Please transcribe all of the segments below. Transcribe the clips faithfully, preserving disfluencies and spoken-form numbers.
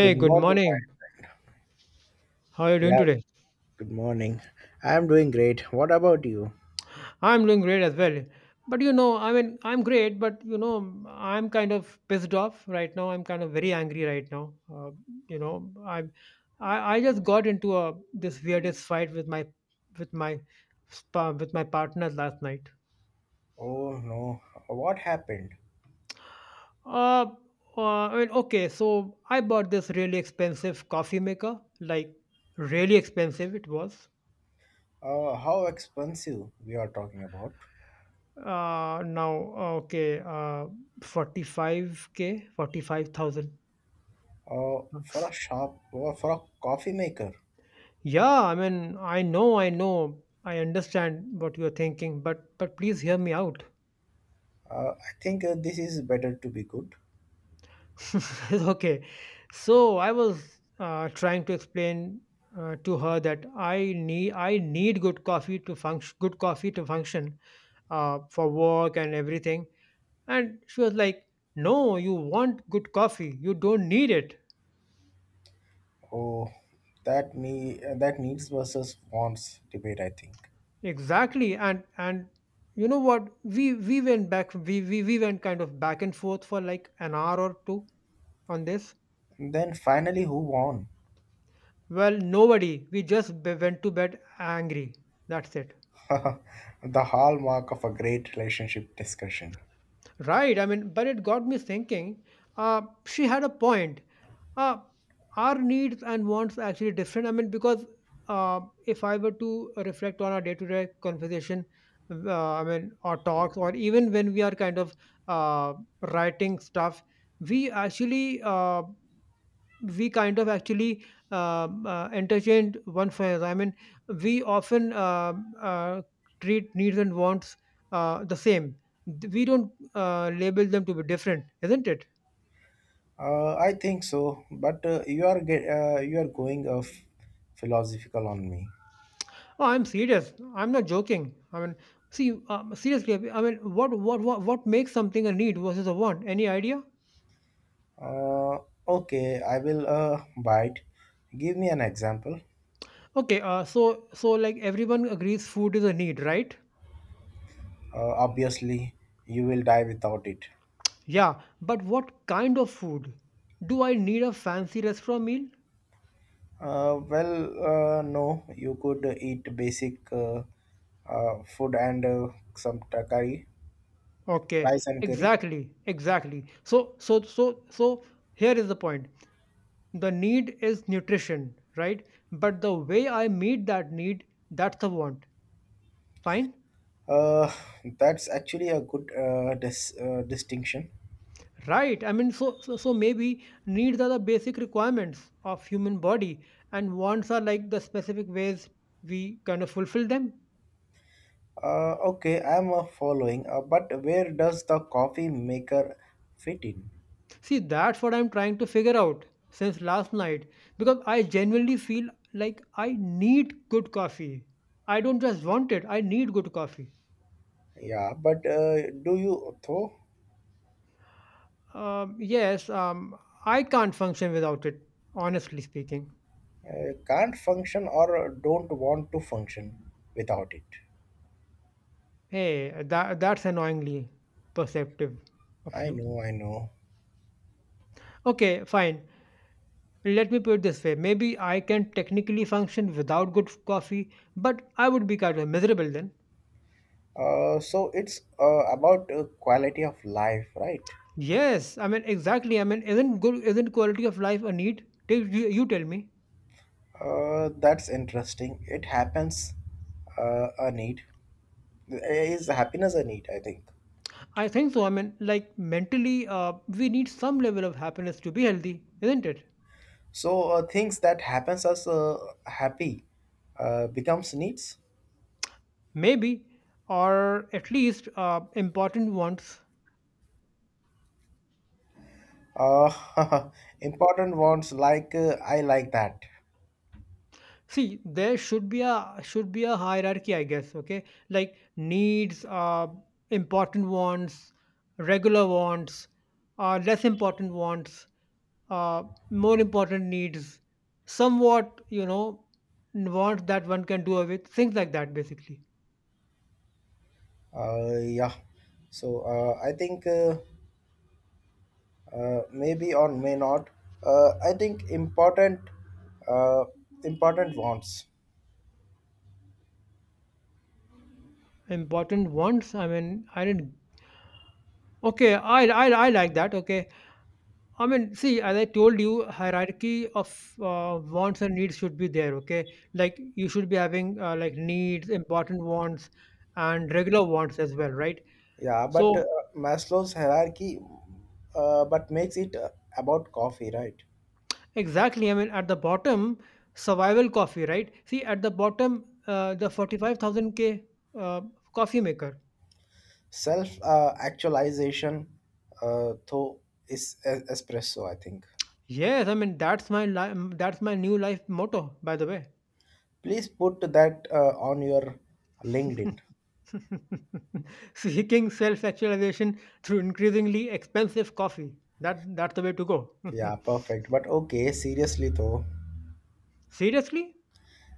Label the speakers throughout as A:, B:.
A: Good
B: good
A: morning,
B: morning.
A: Mike.
B: How are you doing
A: Yeah,
B: today?
A: good morning. I'm doing great. What about you?
B: I'm doing great as well. But you know, I mean, I'm great, but you know, I'm kind of pissed off right now. I'm kind of very angry right now. Uh, you know, I'm I, I just got into a this weirdest fight with my with my spa, with my partner last night.
A: Oh no, what happened?
B: Uh, uh, I mean, okay, so I bought this really expensive coffee maker, like really expensive it was.
A: Uh, how expensive we are talking about?
B: Uh, now, uh, okay, uh, forty-five K, 45,000
A: Uh, for a
B: bucks.
A: shop or for a coffee maker?
B: Yeah, I mean, I know, I know, I understand what you're thinking, but but please hear me out.
A: Uh, I think uh, this is better to be good.
B: Okay, so I was uh, trying to explain uh, to her that I need I need good coffee to function, good coffee to function uh, for work and everything. And she was like, no, you want good coffee. You don't need it.
A: Oh, that me uh, that needs versus wants debate, I think.
B: Exactly. And and you know what? We we went back we, we we went kind of back and forth for like an hour or two on this.
A: And then finally, who won?
B: Well, nobody. We just be- went to bed angry. That's it.
A: The hallmark of a great relationship discussion.
B: Right. I mean, but it got me thinking. Uh, she had a point. Uh, our needs and wants are actually different. I mean, because uh, if I were to reflect on our day to day conversation, uh, I mean, or talks, or even when we are kind of uh, writing stuff, we actually uh, we kind of actually um, uh, interchange one for another. I mean, we often um uh, treat needs and wants uh, the same. Th- We don't uh, label them to be different, isn't it?
A: Uh, I think so, but uh, you are get uh, you are going uh, philosophical on me.
B: Oh, I'm serious. I'm not joking. I mean, see, um, seriously. I mean, what what what what makes something a need versus a want? Any idea?
A: Uh, okay, I will uh, bite. Give me an example.
B: Okay, uh, so so like everyone agrees, food is a need, right?
A: Uh, obviously, you will die without it.
B: Yeah, but what kind of food? Do I need a fancy restaurant meal?
A: Uh, well, uh, no, you could eat basic uh, uh, food and uh, some ta- curry,
B: Okay,
A: rice and curry.
B: exactly, exactly. So, so, so, so here is the point. The need is nutrition, right? But the way I meet that need, that's the want. Fine?
A: Uh, that's actually a good uh, dis- uh, distinction.
B: Right. I mean, so, so, so maybe needs are the basic requirements of human body, and wants are like the specific ways we kind of fulfill them.
A: Uh, okay, I'm uh, following, uh, but where does the coffee maker fit in?
B: See, that's what I'm trying to figure out since last night because I genuinely feel like I need good coffee. I don't just want it, I need good coffee.
A: Yeah, but uh, do you though?
B: Um, yes, um, I can't function without it, honestly speaking.
A: Uh, can't function or don't want to function without it?
B: Hey, that, that's annoyingly perceptive of
A: I
B: you.
A: know, I know.
B: Okay, fine. Let me put it this way. Maybe I can technically function without good coffee, but I would be kind of miserable then.
A: Uh, so it's uh, about uh, quality of life, right?
B: Yes, I mean exactly. I mean, isn't good? Isn't quality of life a need? Take- You, you tell me.
A: Uh, that's interesting. It happens uh, a need. Is happiness a need, I think.
B: I think so. I mean, like mentally, uh, we need some level of happiness to be healthy, isn't it?
A: So uh, things that happens as uh, happy uh, becomes needs.
B: Maybe, or at least uh, important ones.
A: Uh, Important ones like uh, I like that.
B: See, there should be a should be a hierarchy, I guess. Okay, like needs, uh, important wants, regular wants, uh, less important wants, uh, more important needs, somewhat you know wants that one can do away with things like that, basically.
A: Uh, yeah. So uh, I think uh, uh, maybe or may not. Uh, I think important, uh, important wants.
B: Important wants. I mean, I didn't. Okay, I I I like that. Okay, I mean, see, as I told you, hierarchy of uh, wants and needs should be there. Okay, like you should be having uh, like needs, important wants, and regular wants as well, right?
A: Yeah, but
B: So
A: uh, Maslow's hierarchy, uh, but makes it uh, about coffee, right?
B: exactly, I mean, at the bottom, survival coffee, right? See, at the bottom, uh, the forty-five thousand K uh, coffee maker.
A: Self uh, actualization, uh, though is e- espresso, I think.
B: Yes, I mean that's my li- that's my new life motto, by the way.
A: Please put that uh, on your LinkedIn.
B: Seeking self actualization through increasingly expensive coffee. That that's the way to go.
A: Yeah, perfect. But okay, seriously though,
B: Seriously?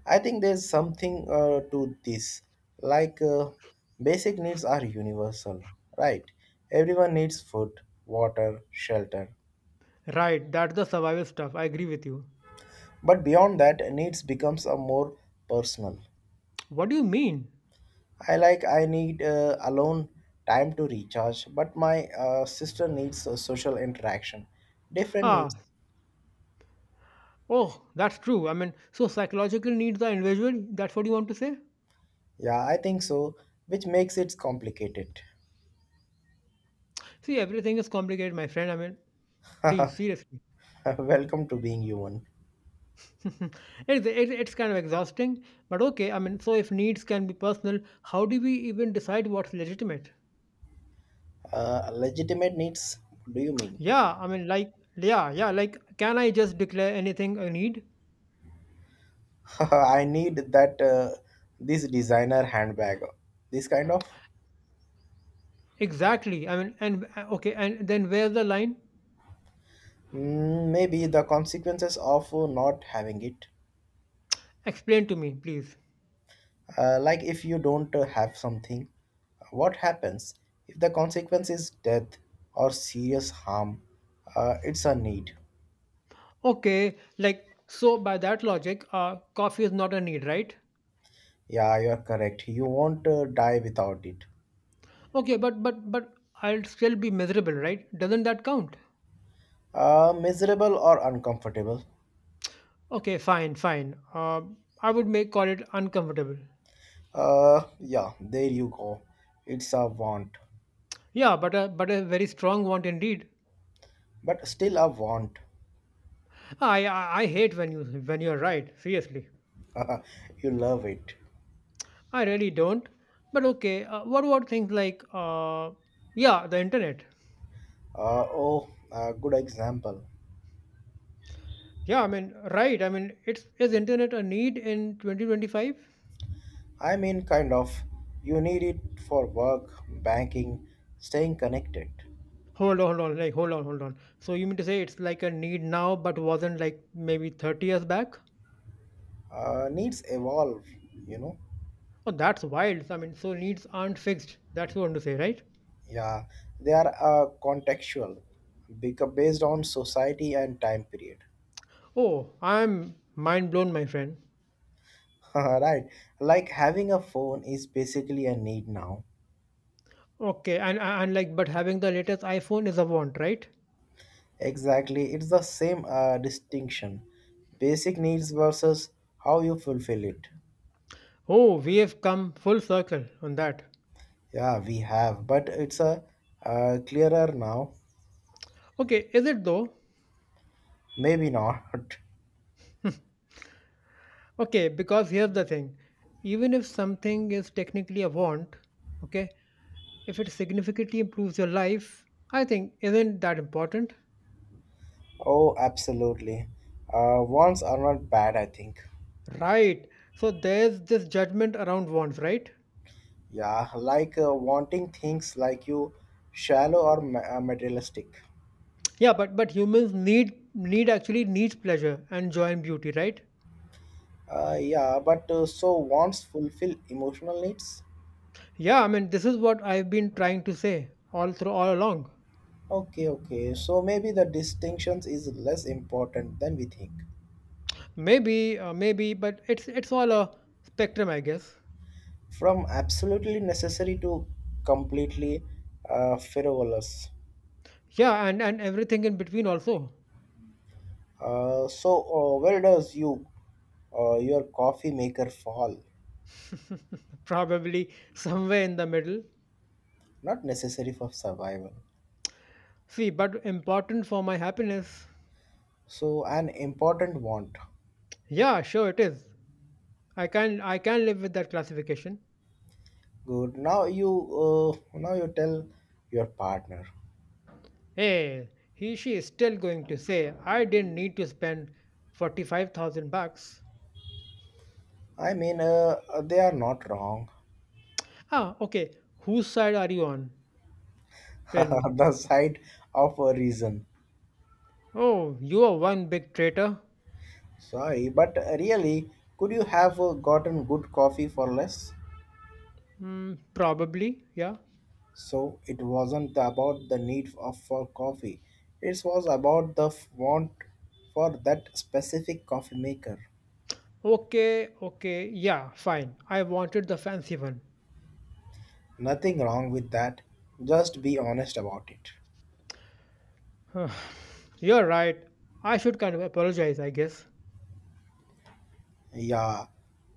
A: I think there's something uh, to this. Like, uh, basic needs are universal, right? Everyone needs food, water, shelter.
B: Right, that's the survival stuff. I agree with you.
A: But beyond that, needs becomes a more personal.
B: What do you mean?
A: I like I need uh, alone time to recharge, but my uh, sister needs uh, social interaction. Different
B: Ah,
A: needs.
B: oh, that's true. I mean, so psychological needs are individual. That's what you want to say?
A: Yeah, I think so, which makes it complicated.
B: See, everything is complicated, my friend. I mean, please, seriously.
A: Welcome to being human.
B: it's, it's, it's kind of exhausting, but okay. I mean, so if needs can be personal, how do we even decide what's legitimate?
A: Uh, legitimate needs? What do you mean?
B: Yeah, I mean, like, yeah, yeah, like, can I just declare anything I need?
A: I need that uh, this designer handbag. This kind of.
B: Exactly. I mean, and uh, okay, and then where's the line?
A: Mm, maybe the consequences of uh, not having it.
B: Explain to me, please.
A: Uh, like if you don't uh, have something, what happens if the consequence is death or serious harm? Uh, it's a need.
B: Okay, like, so by that logic, uh, coffee is not a need, right?
A: Yeah, you're correct. You won't uh, die without it.
B: Okay, but but but I'll still be miserable, right? Doesn't that count?
A: Uh, miserable or uncomfortable?
B: Okay, fine, fine. Uh, I would make call it uncomfortable.
A: Uh, yeah, there you go. It's a want.
B: Yeah, but a but a very strong want indeed.
A: But still I want.
B: I I, I hate when you when you're right. Seriously.
A: You love it.
B: I really don't. But okay, uh, what about things like, uh, yeah, the internet?
A: Uh, oh, a good example.
B: Yeah, I mean, right. I mean, it's is internet a need in twenty twenty-five?
A: I mean, kind of. You need it for work, banking, staying connected.
B: Hold on, hold on, like hold on, hold on. So you mean to say it's like a need now, but wasn't like maybe thirty years back?
A: Uh, needs evolve, you know.
B: Oh, that's wild. I mean, so needs aren't fixed. That's what you want to say, right?
A: Yeah, they are uh, contextual, beca- based on society and time period.
B: Oh, I'm mind blown, my friend.
A: Right, like having a phone is basically a need now.
B: Okay, and and like, but having the latest iPhone is a want, right?
A: Exactly, it's the same uh, distinction. Basic needs versus how you fulfill it.
B: Oh, we have come full circle on that.
A: Yeah, we have, but it's a uh, clearer now.
B: Okay, is it though?
A: Maybe not.
B: Okay, because here's the thing. Even if something is technically a want, okay, if it significantly improves your life, I think isn't that important?
A: Oh, absolutely. Uh, wants are not bad, I think.
B: Right. So there's this judgment around wants, right?
A: Yeah, like uh, wanting things like you, shallow or ma- uh, materialistic.
B: Yeah, but but humans need need actually needs pleasure and joy and beauty, right?
A: Uh, yeah, but uh, so wants fulfill emotional needs.
B: Yeah, I mean this is what I've been trying to say all through all along.
A: Okay, okay. So maybe the distinctions is less important than we think.
B: Maybe, uh, maybe, but it's it's all a spectrum, I guess.
A: From absolutely necessary to completely uh, frivolous.
B: Yeah, and and everything in between also.
A: Uh, so, uh, where does you uh, your coffee maker fall?
B: Probably somewhere in the middle.
A: Not necessary for survival.
B: See, but important for my happiness.
A: So, an important want.
B: Yeah, sure it is. I can I can live with that classification.
A: Good. Now you uh, now you tell your partner.
B: Hey, he she is still going to say I didn't need to spend forty-five thousand bucks.
A: I mean, uh, uh, they are not wrong.
B: Ah, okay. Whose side are you on? Tell me.
A: The side of a reason.
B: Oh, you are one big traitor.
A: Sorry, but really, could you have uh, gotten good coffee for less?
B: Hmm, probably, yeah.
A: So it wasn't about the need of, for coffee. It was about the f- want for that specific coffee maker.
B: Okay, okay, yeah, fine. I wanted the fancy one.
A: Nothing wrong with that. Just be honest about it.
B: You're right. I should kind of apologize, I guess.
A: Yeah,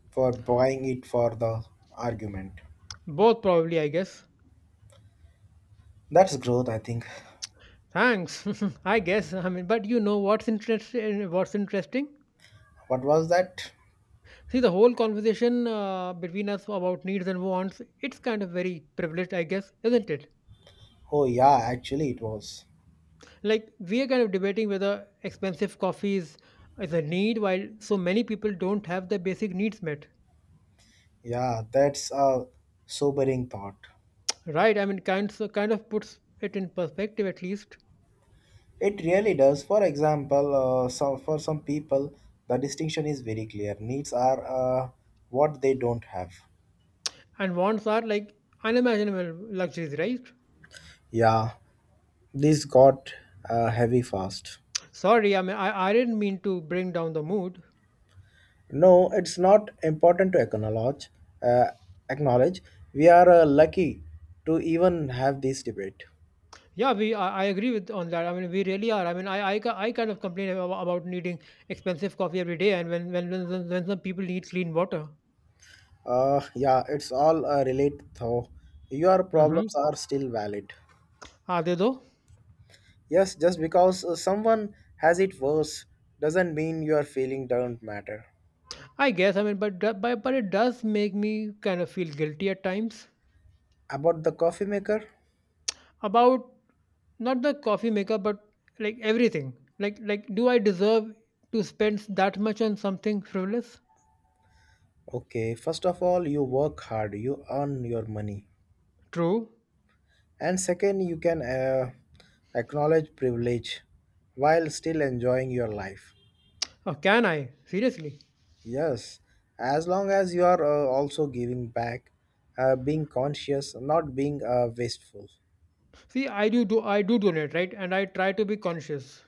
A: for buying it for the argument.
B: Both probably, I guess.
A: That's growth, I think.
B: Thanks. I guess. I mean, but you know what's interesting? What's interesting?
A: What was that?
B: See, the whole conversation uh, between us about needs and wants, it's kind of very privileged, I guess, isn't it?
A: Oh, yeah, actually, it was.
B: Like we are kind of debating whether expensive coffee is, is a need, while so many people don't have their basic needs met.
A: Yeah, that's a sobering thought.
B: Right? I mean, kind so kind of puts it in perspective at least.
A: It really does. For example, uh, some, for some people, the distinction is very clear. Needs are uh, what they don't have.
B: And wants are like unimaginable luxuries, right?
A: Yeah, this got uh, heavy fast.
B: Sorry, I mean, I, I didn't mean to bring down the mood.
A: No, it's not important to acknowledge. Uh, acknowledge we are uh, lucky to even have this debate.
B: Yeah, we I I agree with on that. I mean, we really are. I mean, I I, ki- I kind of complain about, about needing expensive coffee every day, and when when when, when when some people need clean water.
A: Uh, yeah, it's all uh, related though. Your
B: Mm-hmm.
A: problems are still valid.
B: Are they though?
A: Yes, just because uh, someone has it worse doesn't mean your feeling don't matter.
B: I guess. I mean, but do- but but it does make me kind of feel guilty at times
A: About the coffee maker?
B: about not the coffee maker, but like everything. Like like, do I deserve to spend that much on something frivolous?
A: Okay, first of all, you work hard, you earn your money.
B: True.
A: And second, you can uh, acknowledge privilege while still enjoying your life.
B: Or can I seriously?
A: Yes, as long as you are uh, also giving back, uh, being conscious, not being uh, wasteful.
B: See, I do do I do donate right, and I try to be conscious.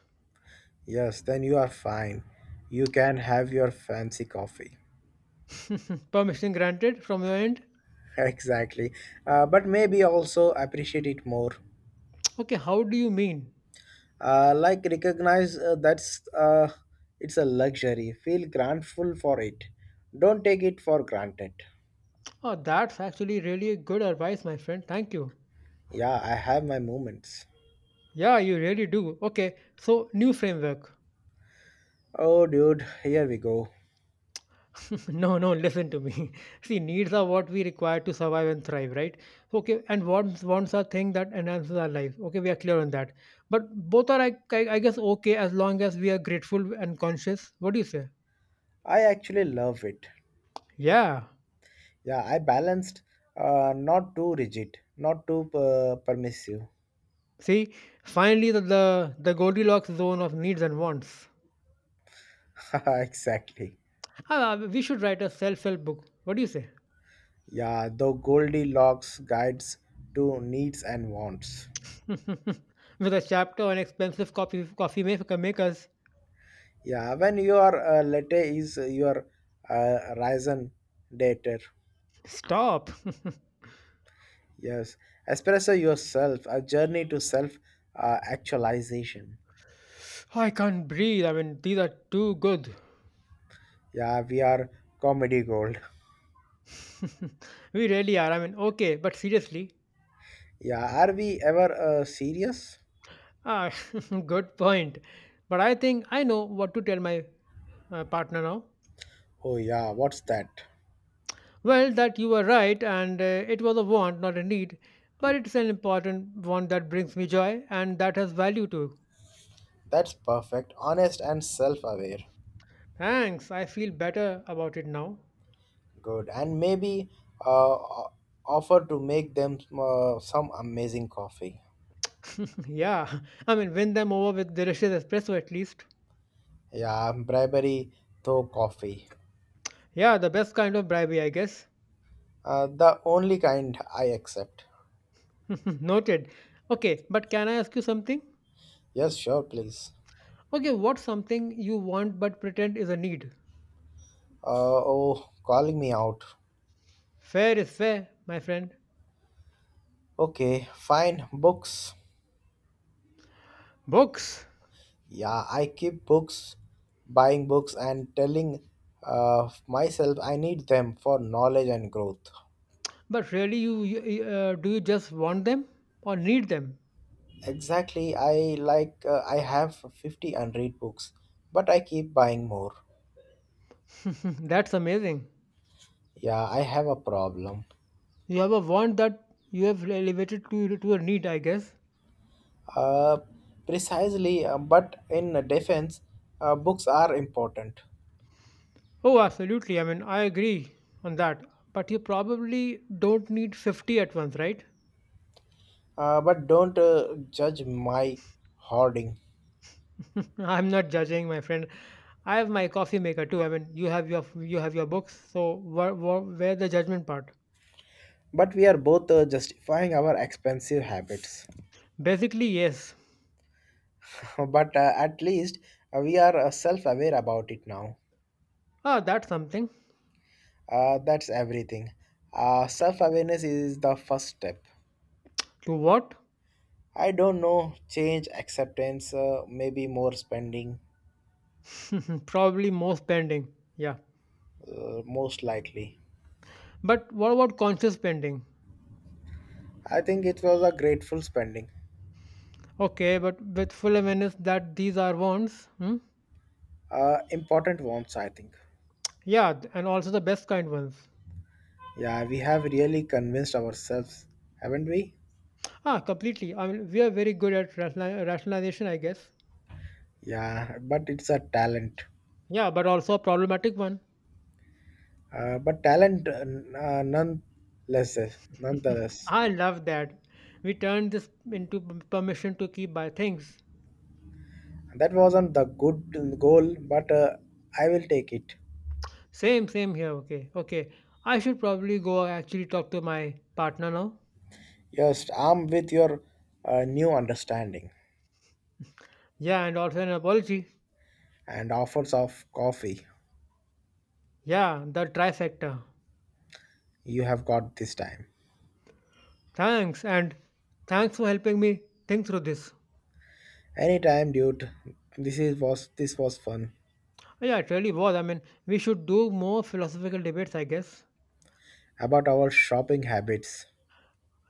A: Yes, then you are fine. You can have your fancy coffee.
B: Permission granted from your end?
A: Exactly. Uh, but maybe also appreciate it more.
B: Okay, how do you mean?
A: uh, like recognize uh, that's uh, it's a luxury, feel grateful for it, don't take it for granted.
B: Oh, that's actually really good advice, my friend. Thank you.
A: Yeah, I have my moments.
B: Yeah, you really do. Okay, so new framework.
A: Oh, dude, here we go.
B: no, no, listen to me. See, needs are what we require to survive and thrive, right? Okay, and wants wants are thing that enhances our life. Okay, we are clear on that. But both are, I, I I guess, okay as long as we are grateful and conscious. What do you say?
A: I actually love it.
B: Yeah.
A: Yeah, I balanced, uh, not too rigid, not too uh, permissive.
B: See, finally the the, the Goldilocks zone of needs and wants.
A: Exactly.
B: Ah, we should write a self-help book. What do you say?
A: Yeah, the Goldilocks guides to needs and wants.
B: With a chapter on expensive coffee coffee ma- makers.
A: Yeah, when your uh, latte is your uh, risen dater.
B: Stop!
A: Yes, espresso yourself, a journey to self uh, actualization.
B: I can't breathe. I mean, these are too good.
A: Yeah, we are comedy gold.
B: we really are. I mean, okay, but seriously,
A: Yeah, are we ever uh, serious?
B: ah, good point. But I think I know what to tell my uh, partner now.
A: Oh, yeah, what's that?
B: Well, that you were right, and uh, it was a want, not a need. But it's an important want that brings me joy, and that has value too.
A: That's perfect, honest, and self aware.
B: Thanks. I feel better about it now.
A: Good, and maybe uh, o- offer to make them uh, some amazing coffee.
B: Yeah, I mean, win them over with delicious espresso at least.
A: Yeah, bribery through coffee.
B: Yeah, the best kind of bribery, I guess.
A: Uh, the only kind I accept.
B: Noted. Okay, but can I ask you something?
A: Yes, sure, please.
B: Okay, what's something you want but pretend is a need?
A: Uh, oh, calling me out.
B: Fair is fair, my friend.
A: Okay, fine. Books.
B: Books.
A: Yeah, I keep books, buying books, and telling uh, myself I need them for knowledge and growth.
B: But really, you, you uh, do you just want them or need them?
A: Exactly. I like, uh, I have fifty unread books, but I keep buying more.
B: That's amazing.
A: Yeah, I have a problem.
B: You have a want that you have elevated to to a need, I guess.
A: Uh, Precisely, uh, but in defense, uh, books are important.
B: Oh, absolutely. I mean, I agree on that. But you probably don't need fifty at once, right?
A: Uh, but don't uh, judge my hoarding.
B: I'm not judging, my friend. I have my coffee maker too. I mean, you have your you have your books. So where, where, where the judgment part?
A: But we are both uh, justifying our expensive habits.
B: Basically, yes.
A: But uh, at least uh, we are uh, self-aware about it now.
B: Ah, that's something.
A: Uh, that's everything. Uh, self-awareness is the first step.
B: To what?
A: I don't know, change, acceptance, uh, maybe more spending.
B: Probably more spending. Yeah.
A: Uh, most likely.
B: But what about conscious spending?
A: I think it was a grateful spending.
B: Okay, but with full awareness that these are wants. Hmm?
A: Uh, important wants, I think.
B: Yeah, th- and also the best kind ones.
A: Yeah, we have really convinced ourselves, haven't we?
B: Ah, completely. I mean, we are very good at rationali- rationalization, I guess.
A: Yeah, but it's a talent.
B: Yeah, but also a problematic one.
A: Uh, but talent, uh, n- uh, nonetheless nonetheless
B: I love that. We turned this into p- permission to keep by things.
A: That wasn't the good goal, but uh, I will take it.
B: Same, same here. Okay, okay. I should probably go actually talk to my partner now.
A: Yes, armed with your uh, new understanding
B: Yeah, and also an apology.
A: and offers of coffee.
B: Yeah, the trifecta.
A: You have got this time.
B: Thanks, and thanks for helping me think through this.
A: Anytime, dude. This is was this was fun.
B: Oh, yeah, it really was. I mean, we should do more philosophical debates, I guess.
A: About our shopping habits.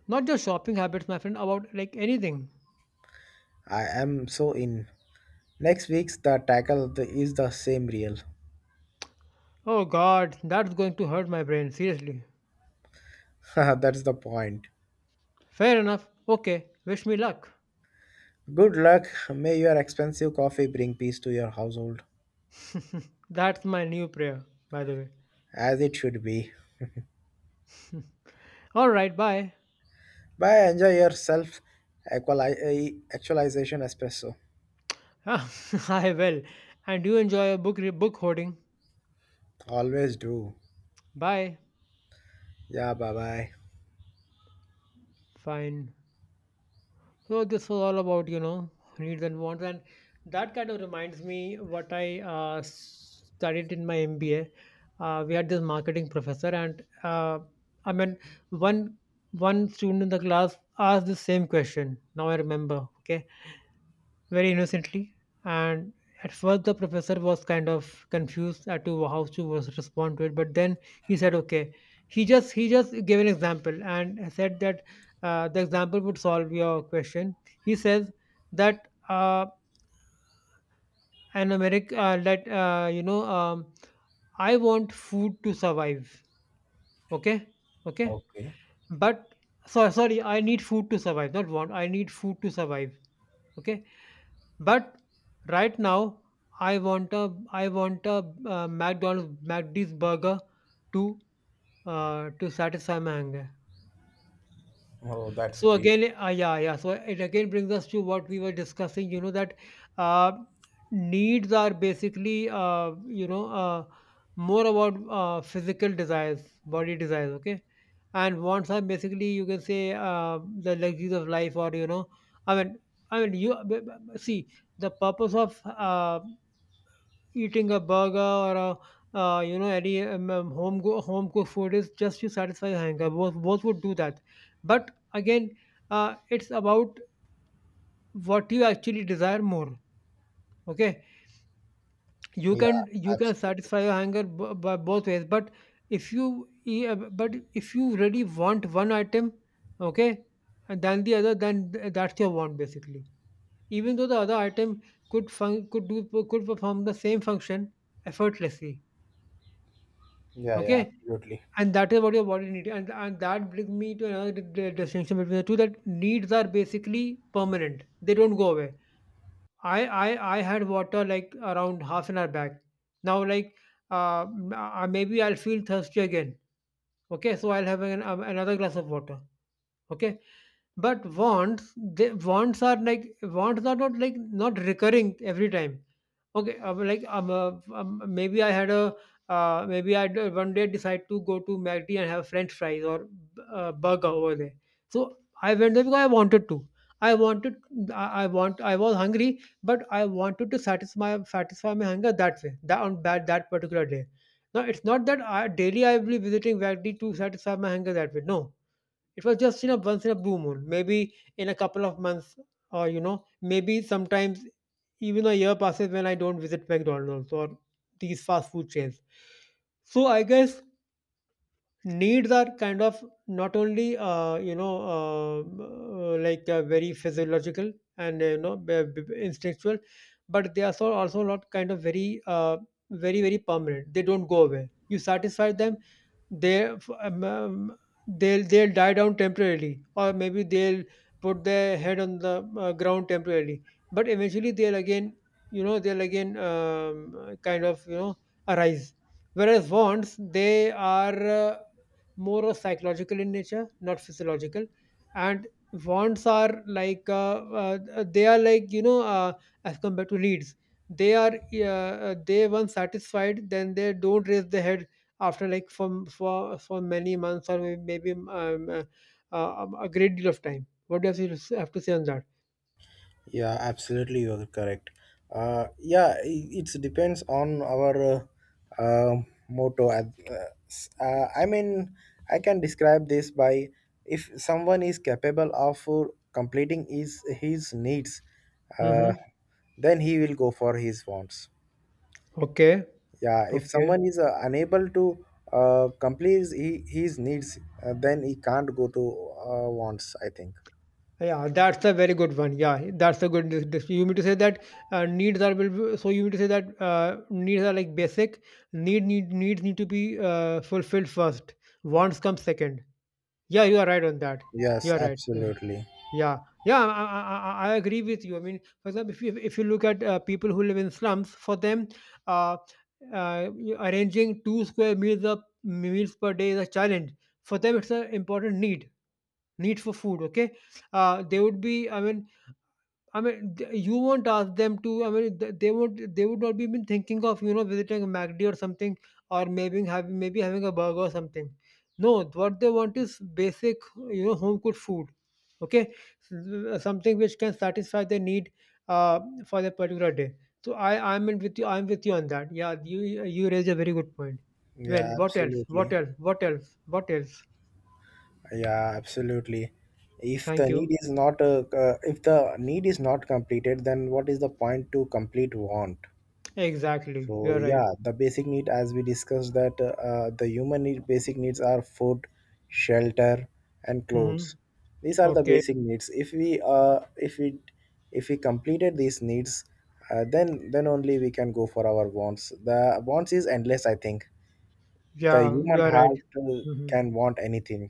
B: Not just shopping habits, my friend, about like anything.
A: I am so in. Next week's the tackle the- is the same real.
B: Oh god, that's going to hurt my brain, seriously.
A: That's the point.
B: Fair enough. Okay, wish me luck.
A: Good luck. May your expensive coffee bring peace to your household,
B: That's my new prayer, by the way.
A: as it should be.
B: All right, bye.
A: Bye. Enjoy yourself. Self equali- eh, actualization espresso.
B: I will. And you enjoy a book re- book hoarding.
A: Always do.
B: Bye.
A: Yeah, bye bye.
B: Fine. So this was all about you know needs and wants, and that kind of reminds me what I uh, studied in my M B A. Uh, we had this marketing professor, and uh, I mean, one one student in the class asked the same question. Now I remember. Okay, very innocently. And at first, the professor was kind of confused as to how to was- respond to it. But then he said, "Okay." He just he just gave an example and said that uh, the example would solve your question. He says that uh, an American uh, that uh, you know um, I want food to survive. Okay, okay,
A: Okay.
B: but so sorry, I need food to survive. Not want. I need food to survive. Okay. But right now, I want a I want a uh, McDonald's McD's burger to uh, to satisfy my hunger.
A: Oh, that's
B: So
A: deep.
B: again, uh, yeah, yeah. So it again brings us to what we were discussing. You know that uh, needs are basically uh, you know uh, more about uh, physical desires, body desires. Okay, and wants are basically you can say uh, the luxuries of life, or you know, I mean, I mean, you b- b- see the purpose of uh, eating a burger or a, uh, you know any um, um, home go- home cooked food is just to satisfy a hunger. Both both would do that, but again, uh, it's about what you actually desire more. Okay, you
A: Yeah,
B: can you can
A: absolutely.
B: satisfy your hunger b- by both ways, but if you e- uh, but if you really want one item, okay, and then the other, then th- that's your want basically. Even though the other item could fun- could do could perform the same function effortlessly.
A: Yeah, yeah,
B: Okay,
A: absolutely.
B: and that is what your body needs. And, and that brings me to another di- di- distinction between the two that needs are basically permanent. They don't go away. I, I, I had water like around half an hour back. Now, like, uh, m- uh, maybe I'll feel thirsty again. Okay, so I'll have an, um, another glass of water. Okay, but wants, they, wants are like wants are not like not recurring every time. Okay, uh, like um, uh, um, maybe I had a uh, maybe I d- one day decide to go to McD and have French fries or uh, burger over there. So I went there because I wanted to. I wanted I, I want I was hungry, but I wanted to satisfy satisfy my hunger that way that on that that particular day. Now it's not that I, daily I will be visiting McD to satisfy my hunger that way. No, it was just, you know, once in a blue moon, maybe in a couple of months, or, you know, maybe sometimes even a year passes when I don't visit McDonald's or these fast food chains. So I guess needs are kind of not only uh, you know um, uh, like uh, very physiological and uh, you know b- b- instinctual, but they are so also not kind of very uh, very very permanent. They don't go away. You satisfy them, they um, um, they'll they'll die down temporarily or maybe they'll put their head on the uh, ground temporarily but eventually they'll again you know they'll again um, uh, kind of you know arise whereas wants they are uh, more of psychological in nature not physiological and wants are like uh, uh, they are like you know uh, as compared to needs, they are uh, uh, they once satisfied then they don't raise the head after like for for for many months or may- maybe um, uh, uh, a great deal of time. What do you have to s- have to say on that?
A: Yeah, absolutely. You are correct. Uh, yeah, it depends on our uh, uh, motto. Uh, s- uh, I mean, I can describe this by if someone is capable of uh, completing his his needs, uh,
B: Hmm.
A: then he will go for his wants.
B: Okay.
A: Yeah, if
B: Okay.
A: someone is uh, unable to uh, complete he, his needs, uh, then he can't go to uh, wants, I think.
B: Yeah, that's a very good one. Yeah, that's a good. This, this, you mean to say that uh, needs are will be- so you mean to say that uh, needs are like basic. Need need needs need to be uh, fulfilled first. Wants come second. Yeah, you are right on that.
A: Yes,
B: You are right. You're
A: absolutely.
B: Yeah, yeah, I, I, I I- agree with you. I mean, for example, if you if you look at uh, people who live in slums, for them, uh, uh, you- arranging two square meals up meals per day is a challenge. For them, it's an important need need for food. Okay, uh, they would be. I mean, I mean, th- you won't ask them to. I mean, th- they won't. They would not be even thinking of you know visiting a MacD or something, or maybe having maybe having a burger or something. No, what they want is basic, you know, home cooked food. Okay, S- uh, something which can satisfy their need uh, for that particular day. So I I'm in with you. I'm with you on that. Yeah, you you raise a very good point.
A: Yeah,
B: When What else? What
A: absolutely.
B: else? What else? What else?
A: Yeah, absolutely. If the
B: Thank
A: need
B: you.
A: is not uh, uh, if the need is not completed, then what is the point to complete want?
B: Exactly. You
A: So
B: are right.
A: yeah, the basic need as we discussed that uh, uh, the human need basic needs are food, shelter, and clothes.
B: Mm-hmm.
A: These are the
B: Okay.
A: basic needs. If we uh, if we if we completed these needs, uh, then then only we can go for our wants. The wants is endless. I think the
B: Yeah, you
A: human
B: are
A: heart
B: right.
A: uh,
B: Hmm.
A: can want anything,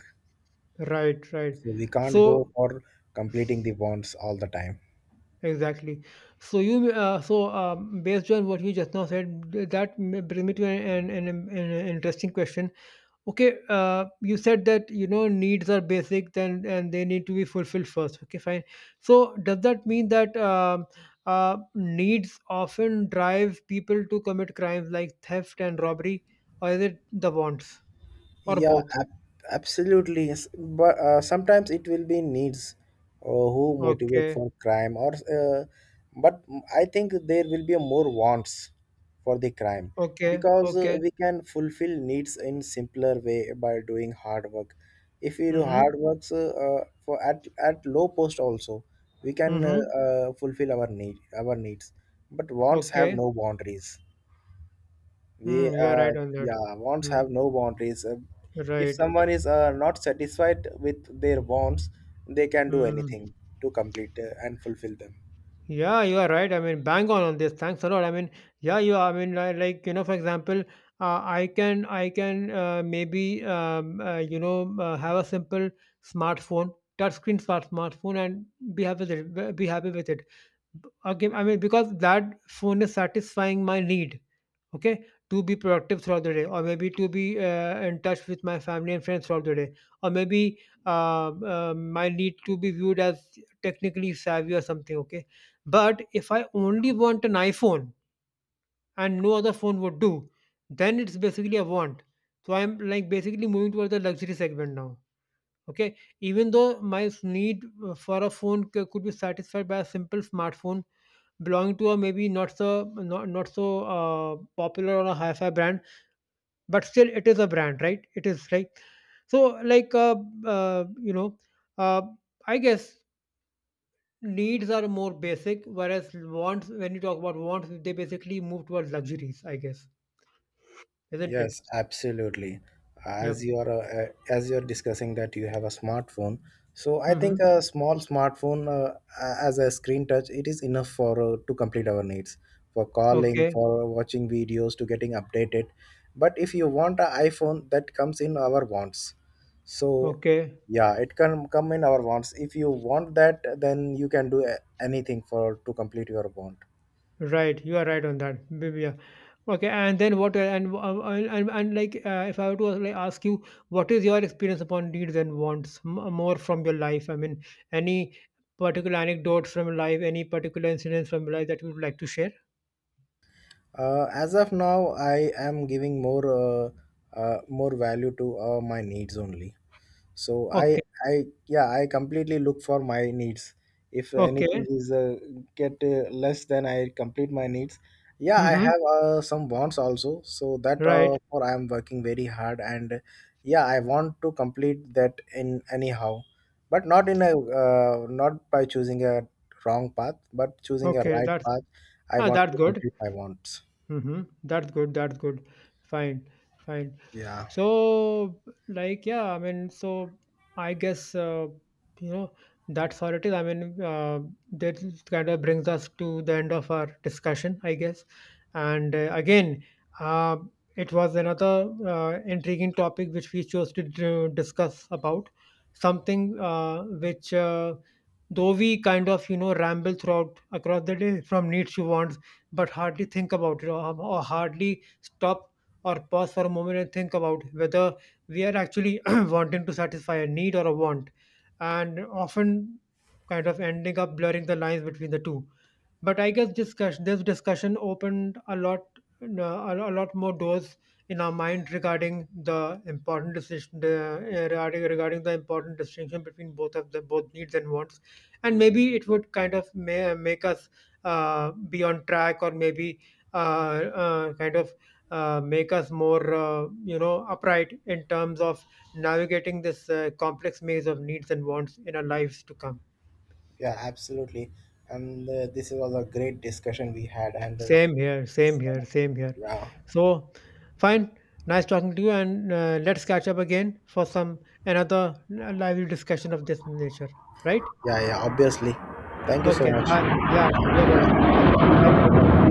B: Right, right.
A: so we can't go
B: So
A: for completing the wants all the time.
B: exactly. So you uh, so um, based on what you just now said, th- that may bring me to an, an, an, an interesting question. Okay, uh, you said that you know needs are basic, then and they need to be fulfilled first. Okay, fine. So does that mean that um uh, needs often drive people to commit crimes like theft and robbery, or is it the wants or
A: Yeah,
B: both?
A: ab- absolutely. Yes. But uh, sometimes it will be needs uh, who motivate
B: Okay,
A: for crime, or uh, but I think there will be more wants for the crime
B: okay,
A: because uh,
B: okay.
A: we can fulfill needs in simpler way by doing hard work. If we do hard
B: Mhm.
A: works uh, uh, for at at low post also, we can
B: Mhm.
A: uh, uh, fulfill our need our needs. But wants have
B: Okay.
A: no boundaries. We
B: Mm, you are
A: uh,
B: right on that.
A: Yeah, wants have
B: Mm,
A: no boundaries. Uh, if
B: right.
A: someone is uh, not satisfied with their wants, they can do
B: Mm.
A: anything to complete uh, and fulfill them.
B: Yeah, you are right. I mean, bang on on this. Thanks a lot. I mean, yeah, you. I mean, I, like you know, for example, uh, I can, I can uh, maybe um, uh, you know uh, have a simple smartphone, touchscreen smart smartphone, and be happy with it. Be happy with it. B- Okay. I mean, because that phone is satisfying my need. Okay, to be productive throughout the day, or maybe to be uh, in touch with my family and friends throughout the day, or maybe um um, I need to be viewed as technically savvy or something. Okay, but if I only want an iPhone and no other phone would do, then it's basically a want. So I'm like basically moving towards the luxury segment now. Okay, even though my s- need uh, for a phone c- could be satisfied by a simple smartphone belonging to a maybe not so not, not so uh, popular or a hi-fi brand but still it is a brand right it is like so like uh, uh, you know uh, I guess needs are more basic whereas wants when you talk about wants they basically move towards luxuries, I guess, isn't it?
A: Yes, absolutely.
B: Yeah.
A: As you are uh, as you are discussing that you have a smartphone, so I
B: Mm-hmm.
A: think a small smartphone uh, as a screen touch it is enough for uh, to complete our needs, for calling,
B: Okay.
A: for watching videos, to getting updated. But if you want an iPhone, that comes in our wants. So
B: Okay.
A: yeah, it can come in our wants. If you want that, then you can do a- anything for to complete your want.
B: Right, you are right on that. Maybe, yeah. Okay, and then what? And uh, and and, and like, uh, if I were to like ask you, what is your experience upon needs and wants m- more from your life? I mean, any particular anecdotes from your life, any particular incidents from your life that you would like to share?
A: Uh, as of now, I am giving more uh, uh, more value to uh, my needs only. So I
B: Okay,
A: I yeah I completely look for my needs. If anything
B: okay,
A: is uh, get uh, less than I complete my needs. Yeah, I
B: mm-hmm.
A: have uh, some wants also. So that
B: Right.
A: uh, for I am working very hard, and yeah, I want to complete that in anyhow, but not in a uh, not by choosing a wrong path, but choosing a
B: Okay,
A: right
B: that's
A: path. I
B: ah,
A: want
B: that's
A: to
B: good.
A: complete my wants.
B: Mm-hmm. That's good. That's good. Fine, fine.
A: Yeah.
B: So, like, yeah, I mean, so I guess, uh, you know, that's all it is. I mean, uh, that kind of brings us to the end of our discussion, I guess. And uh, again, uh, it was another uh, intriguing topic which we chose to d- discuss about something uh, which, uh, though we kind of, you know, ramble throughout across the day from needs to wants, but hardly think about it or, or hardly stop or pause for a moment and think about whether we are actually wanting to satisfy a need or a want, and often kind of ending up blurring the lines between the two but I guess discuss this discussion opened a lot uh, a a lot more doors in our mind regarding the important decision the, uh, regarding regarding the important distinction between both of the both needs and wants and maybe it would kind of may, make us uh, be on track or maybe uh, uh, kind of uh, make us more uh, you know upright in terms of navigating this uh, complex maze of needs and wants in our lives to come.
A: Yeah, absolutely. And uh, this was a great discussion we had. And uh,
B: Same here, same here, same here.
A: yeah,
B: So, fine. Nice talking to you, and uh, let's catch up again for some another lively discussion of this nature, right?
A: yeah, yeah, obviously. Thank you so
B: Okay, bye.
A: much.
B: Yeah, you're welcome. Thank you. Bye. Take care.